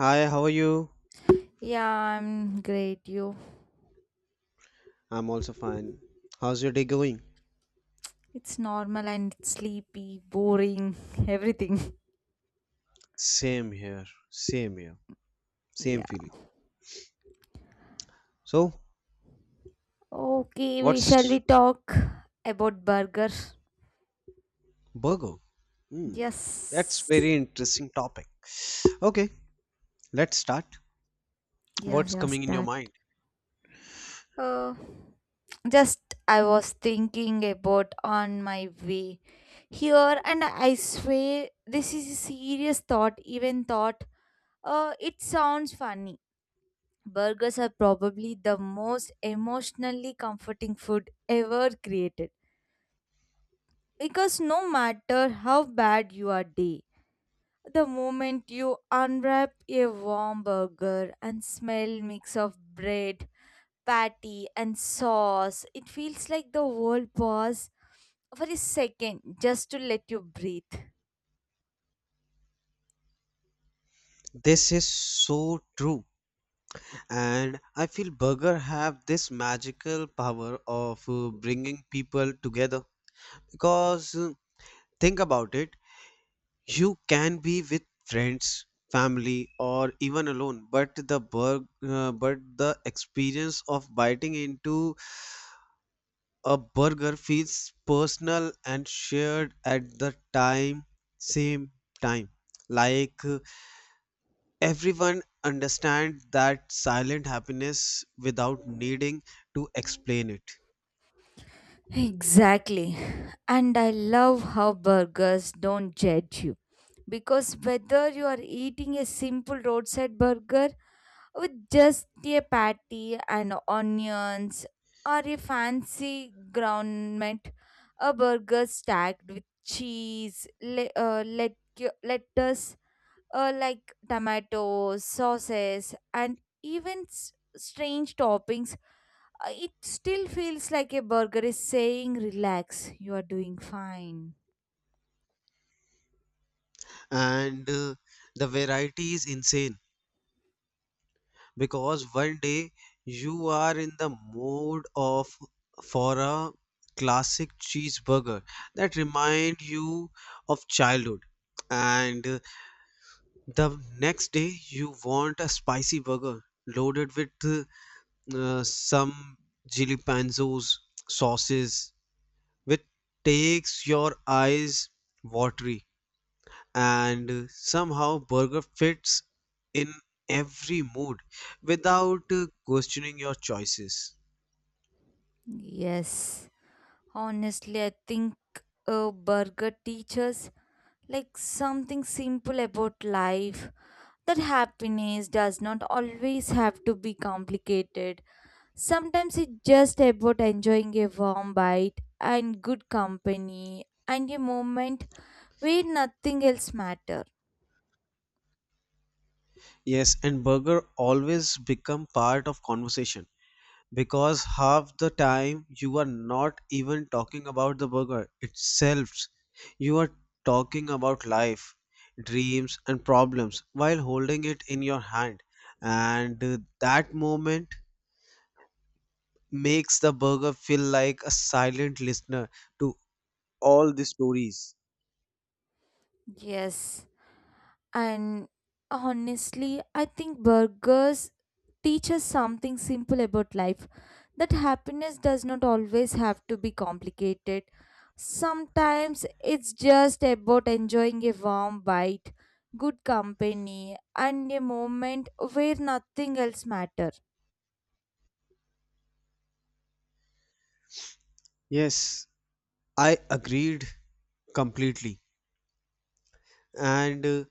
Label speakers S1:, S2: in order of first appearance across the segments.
S1: Hi, how are you?
S2: Yeah, I'm great. You,
S1: I'm also fine. How's your day going?
S2: it's normal and it's sleepy, boring, everything.
S1: Same here, same here, same
S2: Yeah.
S1: feeling. So,
S2: Okay, we shall we
S1: what's
S2: talk about burger?
S1: burger? Hmm, that's
S2: Yes.
S1: very interesting topic. Okay, let's start.
S2: Yes,
S1: What's
S2: yes,
S1: coming in your
S2: that.
S1: mind?
S2: Uh, just I was thinking about on my way here, and I swear this is a serious thought. Even thought. It sounds funny. Burgers are probably the most emotionally comforting food ever created, because no matter how bad your day, the moment you unwrap a warm burger and smell mix of bread, patty and sauce, it feels like the world pause for a second just to let you breathe.
S1: This is so true, and I feel burger have this magical power of bringing people together. Because think about it. You can be with friends, family, or even alone, but the but the experience of biting into a burger feels personal and shared at the time same time. Like everyone understands that silent happiness without needing to explain it.
S2: Exactly. And I love how burgers don't judge you. Because whether you are eating a simple roadside burger with just a patty and onions or a fancy ground meat, a burger stacked with cheese, lettuce, like tomatoes, sauces, and even strange toppings, it still feels like a burger is saying, "Relax, you are doing fine."
S1: And the variety is insane because one day you are in the mood of for a classic cheeseburger that remind you of childhood, and the next day you want a spicy burger loaded with some jalapenos sauces, which takes your eyes watery, and somehow burger fits in every mood without questioning your choices.
S2: Yes, honestly, I think a burger teaches like something simple about life, that happiness does not always have to be complicated. Sometimes it's just about enjoying a warm bite and good company and a moment where nothing else matters.
S1: Yes, and burger always become part of conversation because half the time you are not even talking about the burger itself, you are talking about life, dreams and problems while holding it in your hand. And that moment makes the burger feel like a silent listener to all the stories.
S2: Yes. And honestly, I think burgers teach us something simple about life, that happiness does not always have to be complicated. Sometimes it's just about enjoying a warm bite, good company, and a moment where nothing else matters.
S1: Yes, I agreed completely. And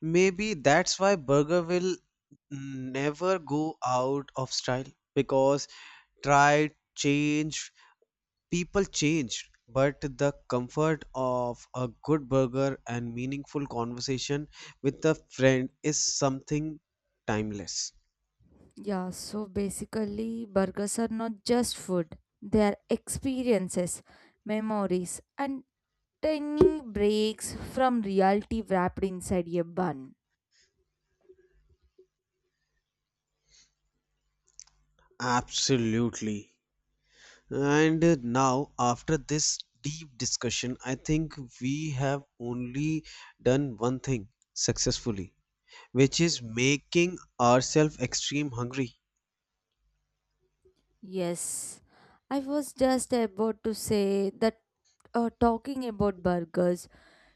S1: maybe that's why burger will never go out of style because tried, changed, people changed. But the comfort of a good burger and meaningful conversation with a friend is something timeless.
S2: Yeah, so basically, burgers are not just food, they are experiences, memories, and tiny breaks from reality wrapped inside a bun.
S1: Absolutely. And now, after this deep discussion, I think we have only done one thing successfully, which is making ourselves extreme hungry.
S2: Yes, I was just about to say that, talking about burgers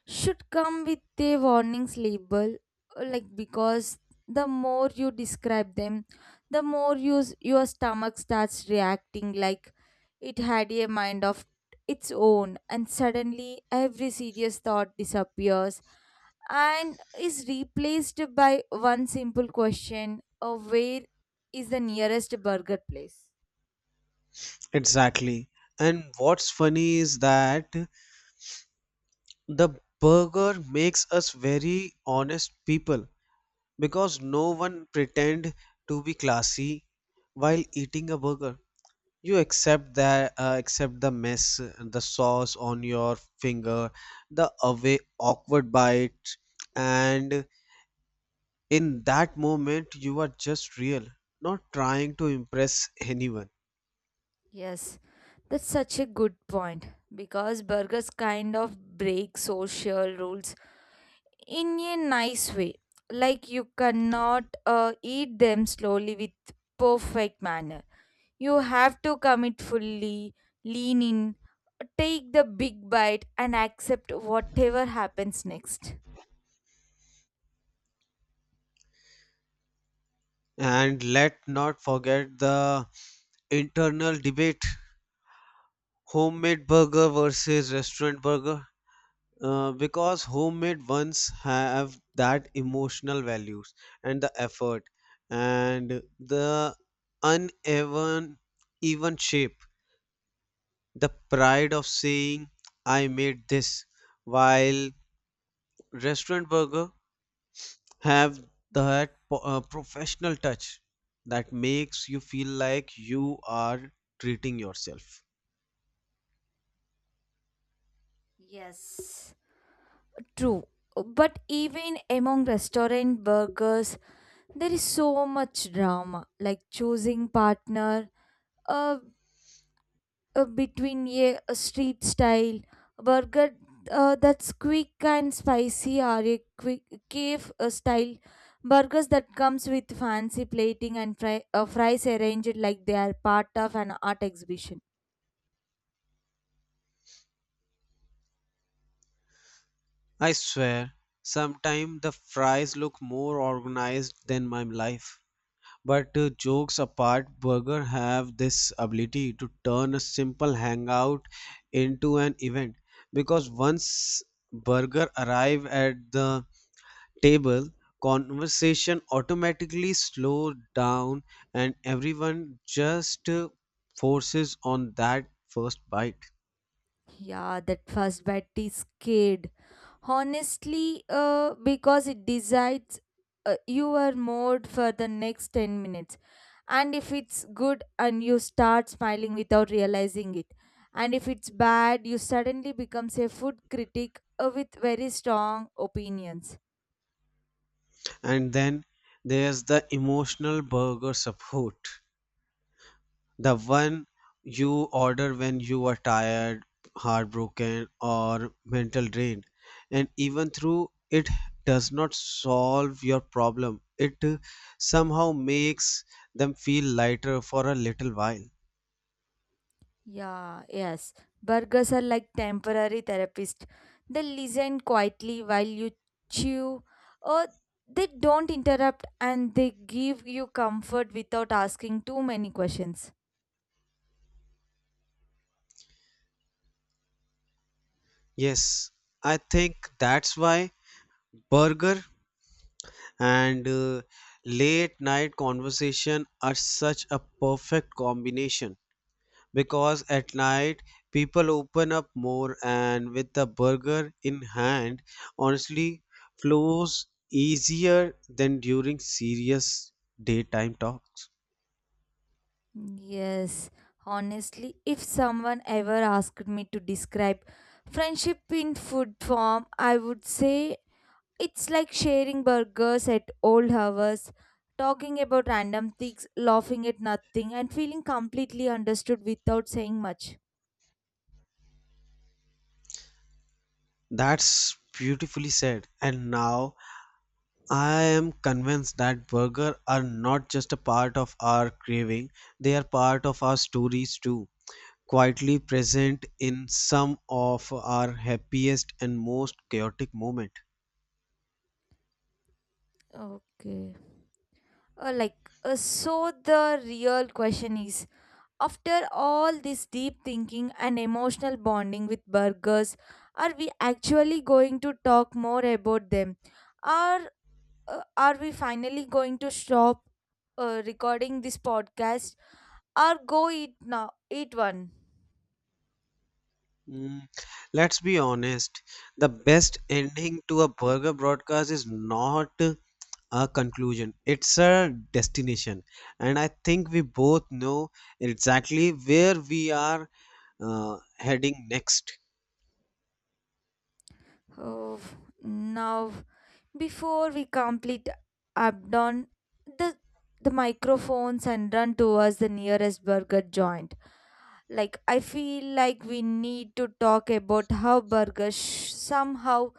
S2: should come with a warnings label, like, because the more you describe them, the more your stomach starts reacting like it had a mind of its own, and suddenly every serious thought disappears and is replaced by one simple question of where is the nearest burger place.
S1: Exactly. And what's funny is that the burger makes us very honest people because no one pretend to be classy while eating a burger. You accept that accept the mess, the sauce on your finger, the away awkward bite, and in that moment you are just real, not trying to impress anyone.
S2: Yes, that's such a good point, because burgers kind of break social rules in a nice way. Like, you cannot eat them slowly with perfect manner. You have to commit fully, lean in, take the big bite and accept whatever happens next.
S1: And let not forget the internal debate: homemade burger versus restaurant burger. Because homemade ones have that emotional values and the effort and the uneven even shape, the pride of saying I made this, while restaurant burger have that professional touch that makes you feel like you are treating yourself.
S2: Yes. True. But even among restaurant burgers there is so much drama, like choosing partner, uh, between a street style burger that's quick and spicy, or a quick cave style burgers that comes with fancy plating and fries arranged like they are part of an art exhibition.
S1: I swear sometimes the fries look more organized than my life. But jokes apart, burger have this ability to turn a simple hangout into an event because once burger arrive at the table, conversation automatically slows down and everyone just forces on that first bite.
S2: Yeah, that first bet is scared. Honestly, because it decides your mood for the next 10 minutes. And if it's good, and you start smiling without realizing it. And if it's bad, you suddenly becomes a food critic, with very strong opinions.
S1: And then there's the emotional burger support, the one you order when you are tired, heartbroken, or mental drained. And even through it does not solve your problem, it somehow makes them feel lighter for a little while.
S2: Yeah, yes. Burgers are like temporary therapists. They listen quietly while you chew, or they don't interrupt, and they give you comfort without asking too many questions.
S1: Yes, I think that's why burger and late night conversation are such a perfect combination. Because at night people open up more, and with the burger in hand honestly flows easier than during serious daytime talks.
S2: Yes, honestly, if someone ever asked me to describe friendship in food form, I would say it's like sharing burgers at old hours, talking about random things, laughing at nothing, and feeling completely understood without saying much.
S1: That's beautifully said, and now I am convinced that burger are not just a part of our craving, they are part of our stories too, quietly present in some of our happiest and most chaotic moments.
S2: Okay. Uh, like, so the real question is, after all this deep thinking and emotional bonding with burgers, are we actually going to talk more about them? Or are we finally going to stop recording this podcast or go eat now? Eat one.
S1: Mm, let's be honest, the best ending to a burger broadcast is not a conclusion, it's a destination. And I think we both know exactly where we are heading next.
S2: Oh, now, before we complete abdon, the the microphones and run towards the nearest burger joint. Like, I feel like we need to talk about how burgers somehow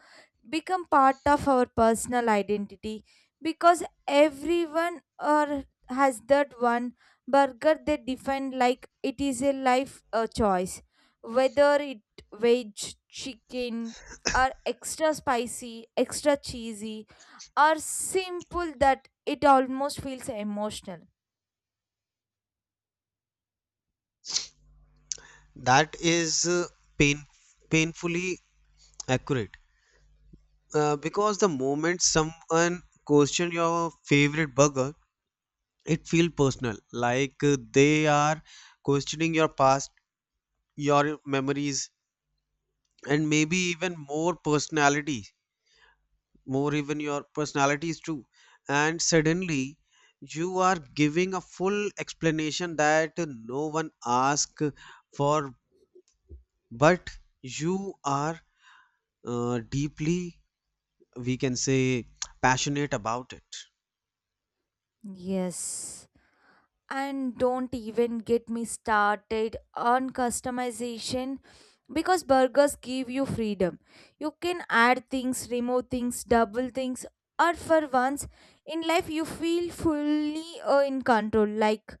S2: become part of our personal identity, because everyone or has that one burger they define like it is a life a choice, whether it veg, chicken, or extra spicy, extra cheesy, or simple, that it almost feels emotional.
S1: That is pain, painfully accurate. Because the moment someone questions your favorite burger, it feels personal, like they are questioning your past, your memories, and maybe even more personality more even your personalities too. And suddenly you are giving a full explanation that no one asked for, but you are deeply, we can say, passionate about it.
S2: Yes, and don't even get me started on customization, because burgers give you freedom. You can add things, remove things, double things, or for once in life you feel fully in control. Like,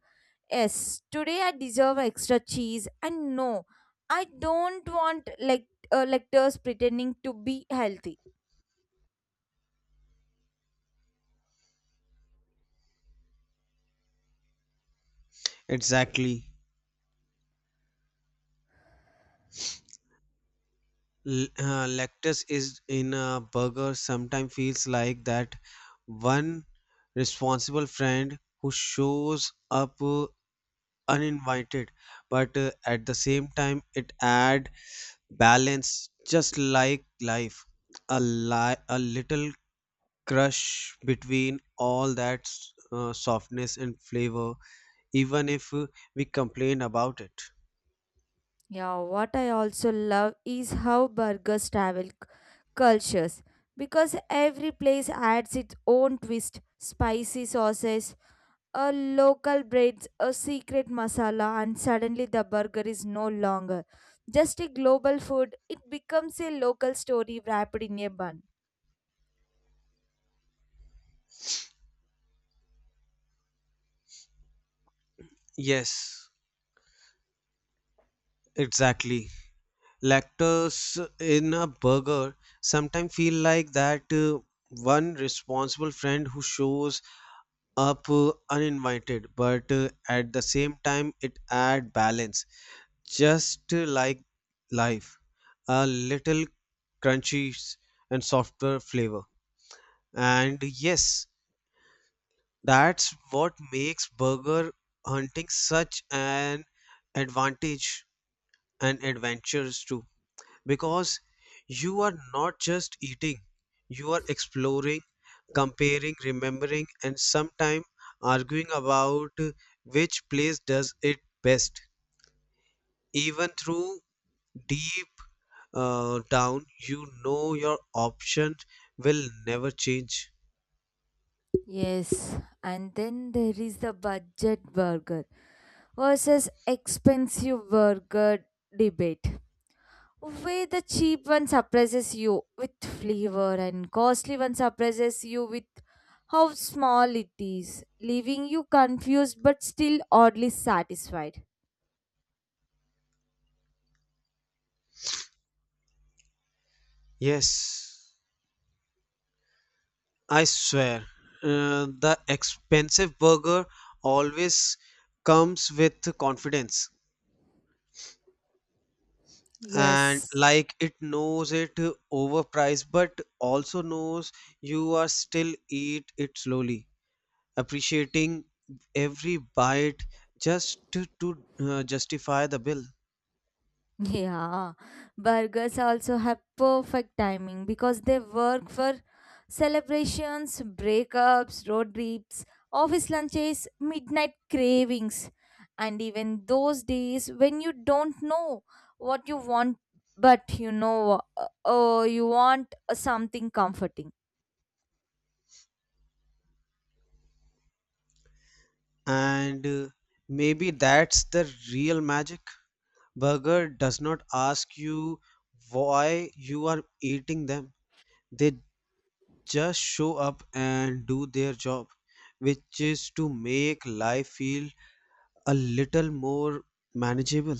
S2: yes, today I deserve extra cheese, and no, I don't want like lectures pretending to be healthy.
S1: Exactly. Lactose is in a burger sometimes feels like that one responsible friend who shows up uninvited, but at the same time it add balance, just like life, a a little crush between all that softness and flavor, even if we complain about it.
S2: Yeah, what I also love is how burgers travel cultures, because every place adds its own twist, spicy sauces, a local breads, a secret masala, and suddenly the burger is no longer just a global food. It becomes a local story wrapped in a bun.
S1: Yes, exactly, lactose in a burger sometimes feel like that one responsible friend who shows up uninvited, but at the same time it add balance, just like life, a little crunchy and softer flavor. And yes, that's what makes burger hunting such an advantage and adventures too, because you are not just eating, you are exploring, comparing, remembering, and sometimes arguing about which place does it best. Even through deep down, you know your option will never change.
S2: Yes, and then there is the budget burger versus expensive burger debate, way the cheap one surprises you with flavor and costly one surprises you with how small it is, leaving you confused but still oddly satisfied.
S1: Yes, I swear, the expensive burger always comes with confidence. And
S2: Yes.
S1: like it knows it overpriced, but also knows you are still eat it slowly, appreciating every bite just to justify the bill.
S2: Yeah, burgers also have perfect timing, because they work for celebrations, breakups, road trips, office lunches, midnight cravings, and even those days when you don't know what you want, but you know, oh, you want something comforting.
S1: And maybe that's the real magic: burger does not ask you why you are eating them, they just show up and do their job, which is to make life feel a little more manageable.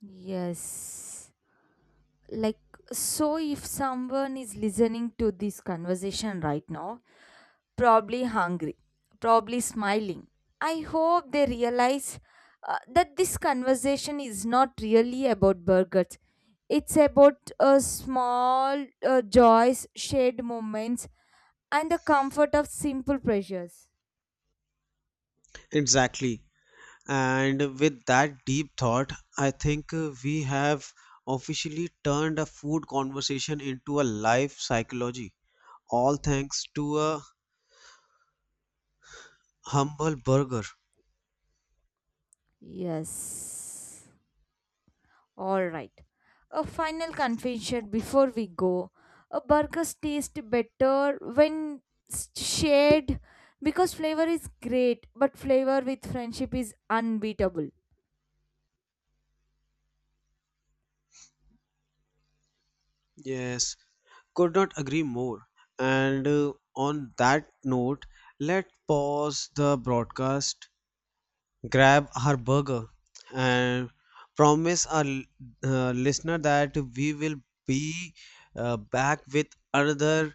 S2: Yes. Like, so if someone is listening to this conversation right now, probably hungry, probably smiling. I hope they realize that this conversation is not really about burgers. It's about small joys, shared moments, and the comfort of simple pleasures.
S1: Exactly. And with that deep thought, I think we have officially turned a food conversation into a life psychology, all thanks to a humble burger.
S2: Yes. All right. A final confession before we go. A burgers taste better when shared, because flavor is great, but flavor with friendship is unbeatable.
S1: Yes, could not agree more. And on that note, let's pause the broadcast, grab our burger, and promise our listener that we will be back with another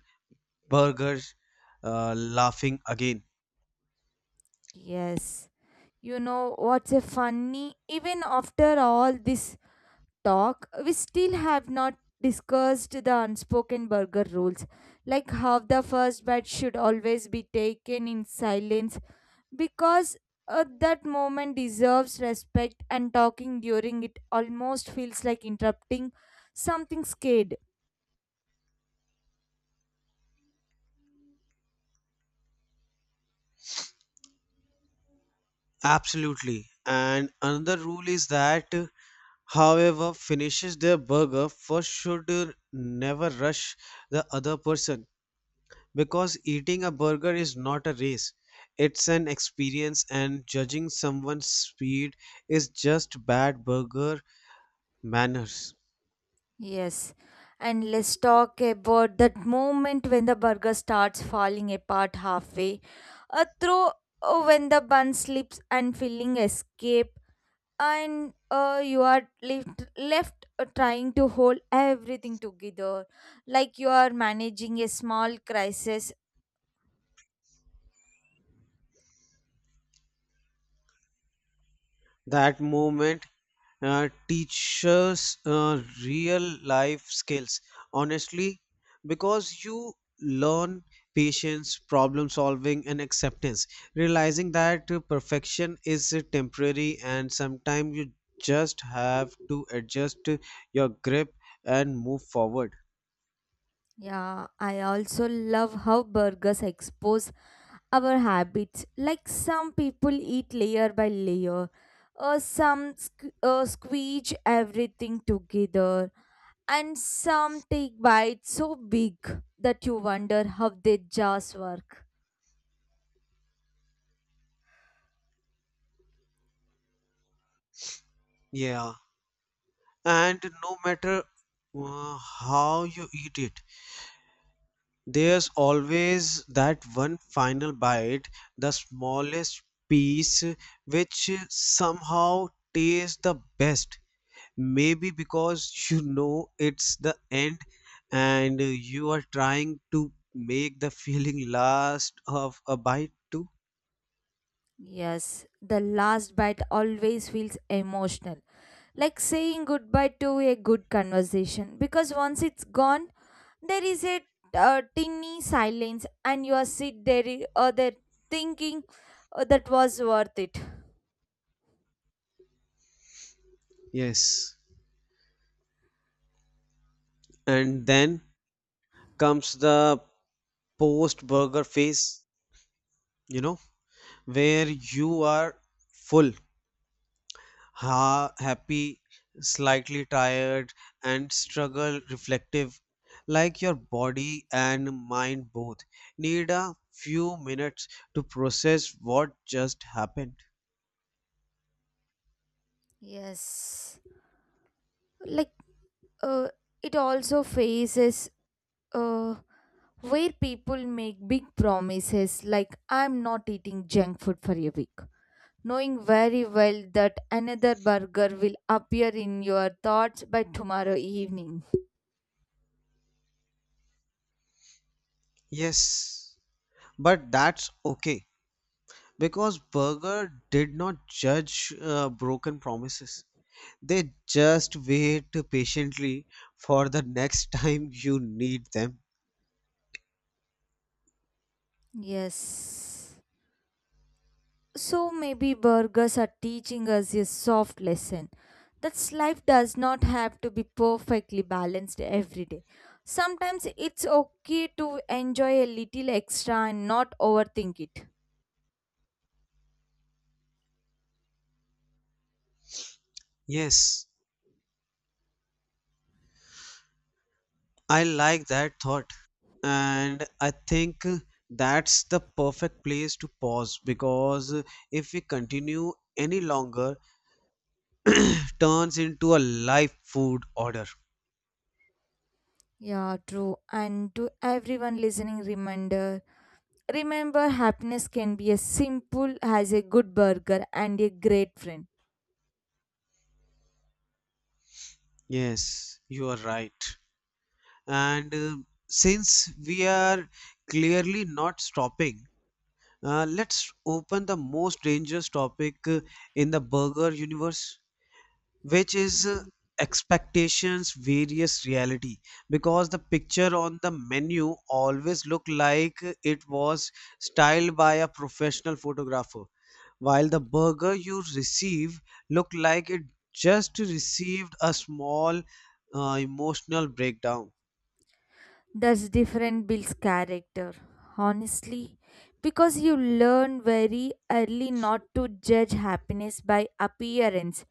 S1: burger laughing again.
S2: Yes. You know what's a funny? Even after all this talk, we still have not discussed the unspoken burger rules, like how the first bite should always be taken in silence, because that moment deserves respect, and talking during it almost feels like interrupting something scared.
S1: Absolutely. And another rule is that however finishes their burger first should never rush the other person, because eating a burger is not a race, it's an experience, and judging someone's speed is just bad burger manners.
S2: Yes, and let's talk about that moment when the burger starts falling apart halfway through, when the bun slips and filling escape, and you are left trying to hold everything together like you are managing a small crisis.
S1: That moment teaches real life skills, honestly, because you learn patience, problem solving, and acceptance, realizing that perfection is temporary and sometimes you just have to adjust your grip and move forward.
S2: Yeah, I also love how burgers expose our habits. Like, some people eat layer by layer, or some squeeze everything together, and some take bites so big that you wonder how their jaws work.
S1: Yeah, and no matter how you eat it, there's always that one final bite, the smallest piece, which somehow tastes the best. Maybe because you know it's the end, and you are trying to make the feeling last of a bite too.
S2: Yes, the last bite always feels emotional, like saying goodbye to a good conversation, because once it's gone, there is a tinny silence, and you are sit there, there thinking that was worth it.
S1: Yes. And then comes the post burger phase, you know, where you are full, happy, slightly tired, and struggle reflective. Like your body and mind both need a few minutes to process what just happened.
S2: Yes. Like uh, it also faces uh, where people make big promises like, "I'm not eating junk food for a week." Knowing very well that another burger will appear in your thoughts by tomorrow evening.
S1: Yes, but that's okay because Berger did not judge broken promises. They just wait patiently for the next time you need them.
S2: Yes. So maybe burgers are teaching us a soft lesson, that life does not have to be perfectly balanced every day. Sometimes it's okay to enjoy a little extra and not overthink it.
S1: Yes, I like that thought. And I think that's the perfect place to pause because if we continue any longer, turns into a live food order.
S2: Yeah, true. And to everyone listening, reminder, remember happiness can be as simple as a good burger and a great friend.
S1: Yes, you are right. And since we are clearly not stopping, let's open the most dangerous topic in the burger universe, which is expectations various reality, because the picture on the menu always look like it was styled by a professional photographer, while the burger you receive look like it just received a small emotional breakdown.
S2: That's different builds character, honestly, because you learn very early not to judge happiness by appearance.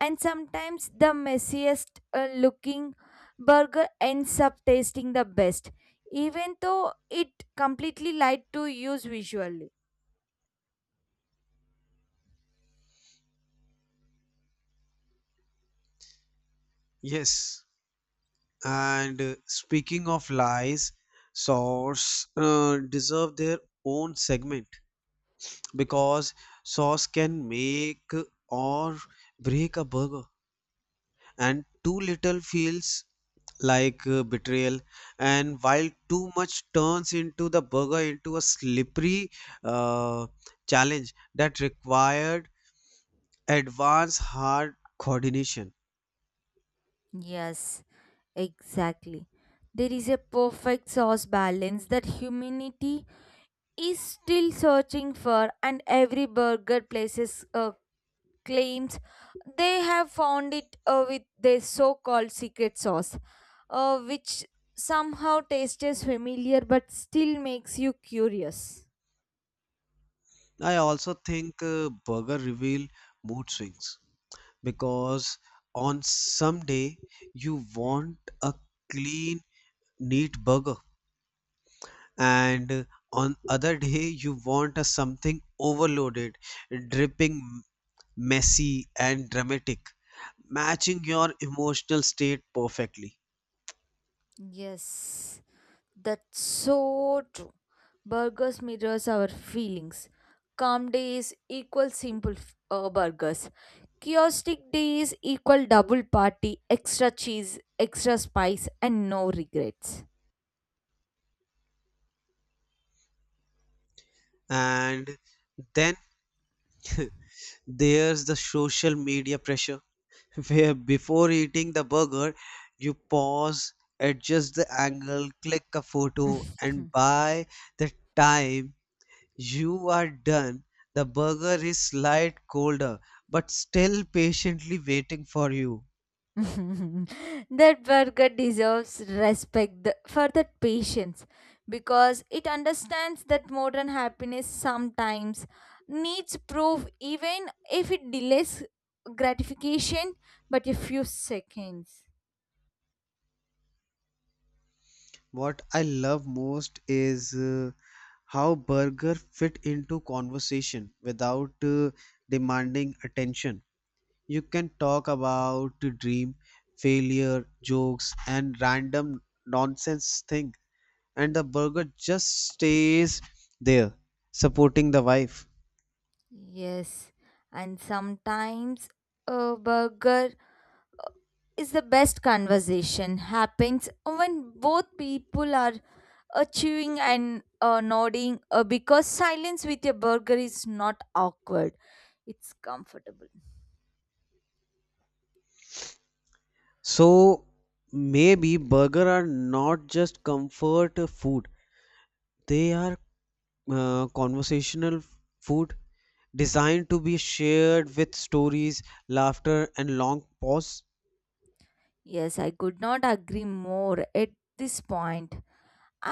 S2: And sometimes the messiest looking burger ends up tasting the best, even though it completely lied to use visually.
S1: Yes, and speaking of lies, sauce deserve their own segment because sauce can make or break a burger, and too little feels like betrayal, and while too much turns into the burger into a slippery uh, challenge that required advanced hard coordination.
S2: Yes, exactly. There is a perfect sauce balance that humanity is still searching for, and every burger places a claims they have found it with their so called secret sauce, which somehow tastes familiar but still makes you curious.
S1: I also think burger reveal mood swings because on some day you want a clean neat burger, and on other day you want a something overloaded, dripping, messy and dramatic, matching your emotional state perfectly.
S2: Yes, that's so true. Burgers mirrors our feelings. Calm days equal simple burgers. Chaotic days equal double party, extra cheese, extra spice, and no regrets.
S1: And then there's the social media pressure where before eating the burger you pause, adjust the angle, click a photo, and by the time you are done, the burger is slight colder, but still patiently waiting for you.
S2: That burger deserves respect for that patience, because it understands that modern happiness sometimes needs proof, even if it delays gratification but a few seconds.
S1: What I love most is how burger fit into conversation without demanding attention. You can talk about dream, failure, jokes, and random nonsense thing, and the burger just stays there, supporting the wife.
S2: Yes, and sometimes a burger is the best conversation happens when both people are chewing and nodding, because silence with a burger is not awkward, it's comfortable.
S1: So maybe burger are not just comfort food. They are conversational food, designed to be shared with stories, laughter and long pause.
S2: Yes, I could not agree more. At this point,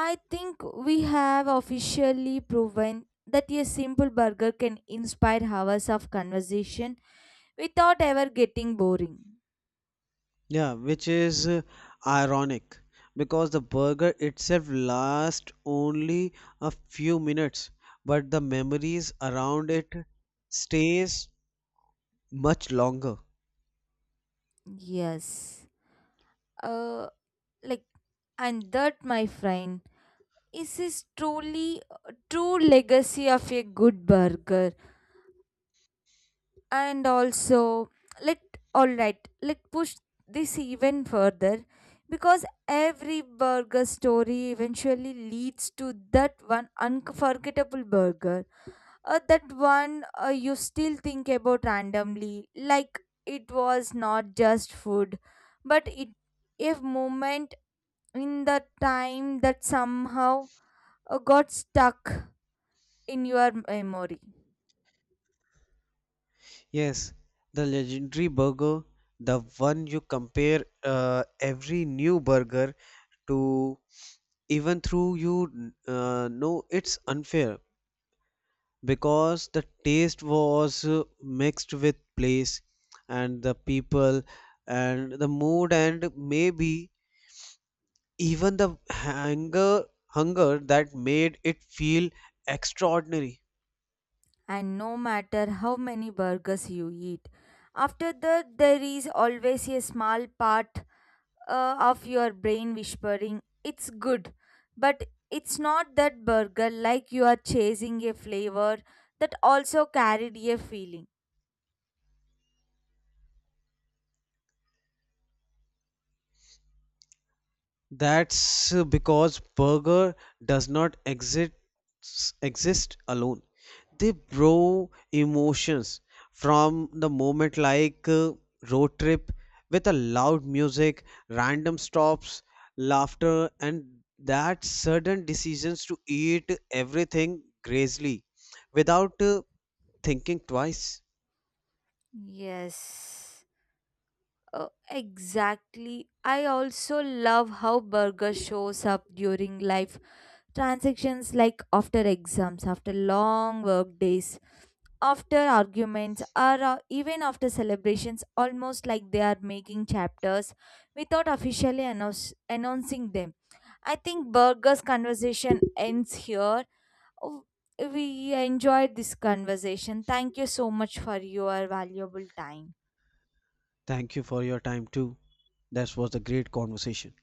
S2: I think we have officially proven that a simple burger can inspire hours of conversation without ever getting boring.
S1: Yeah, which is ironic because the burger itself lasts only a few minutes, but the memories around it stays much longer.
S2: Yes. uh like and that, my friend, this is truly a true legacy of a good burger. And also, let, all right, let push this even further, because every burger story eventually leads to that one unforgettable burger, that one you still think about randomly, like it was not just food, but it a moment in the time that somehow got stuck in your memory.
S1: Yes, the legendary burger, the one you compare every new burger to, even through you know it's unfair because the taste was mixed with place and the people and the mood, and maybe even the hunger that made it feel extraordinary.
S2: And no matter how many burgers you eat, after that, there is always a small part of your brain whispering, "It's good." But it's not that burger, like you are chasing a flavor that also carried a feeling.
S1: That's because burger does not exist exist alone. They borrow emotions from the moment, like road trip with a loud music, random stops, laughter, and that sudden decisions to eat everything grazily without thinking twice.
S2: Yes. Oh, exactly. I also love how burger shows up during life transactions, like after exams, after long work days, after arguments, or even after celebrations, almost like they are making chapters without officially announcing them. I think Burger's conversation ends here. Oh, we enjoyed this conversation. Thank you so much for your valuable time.
S1: Thank you for your time too. That was a great conversation.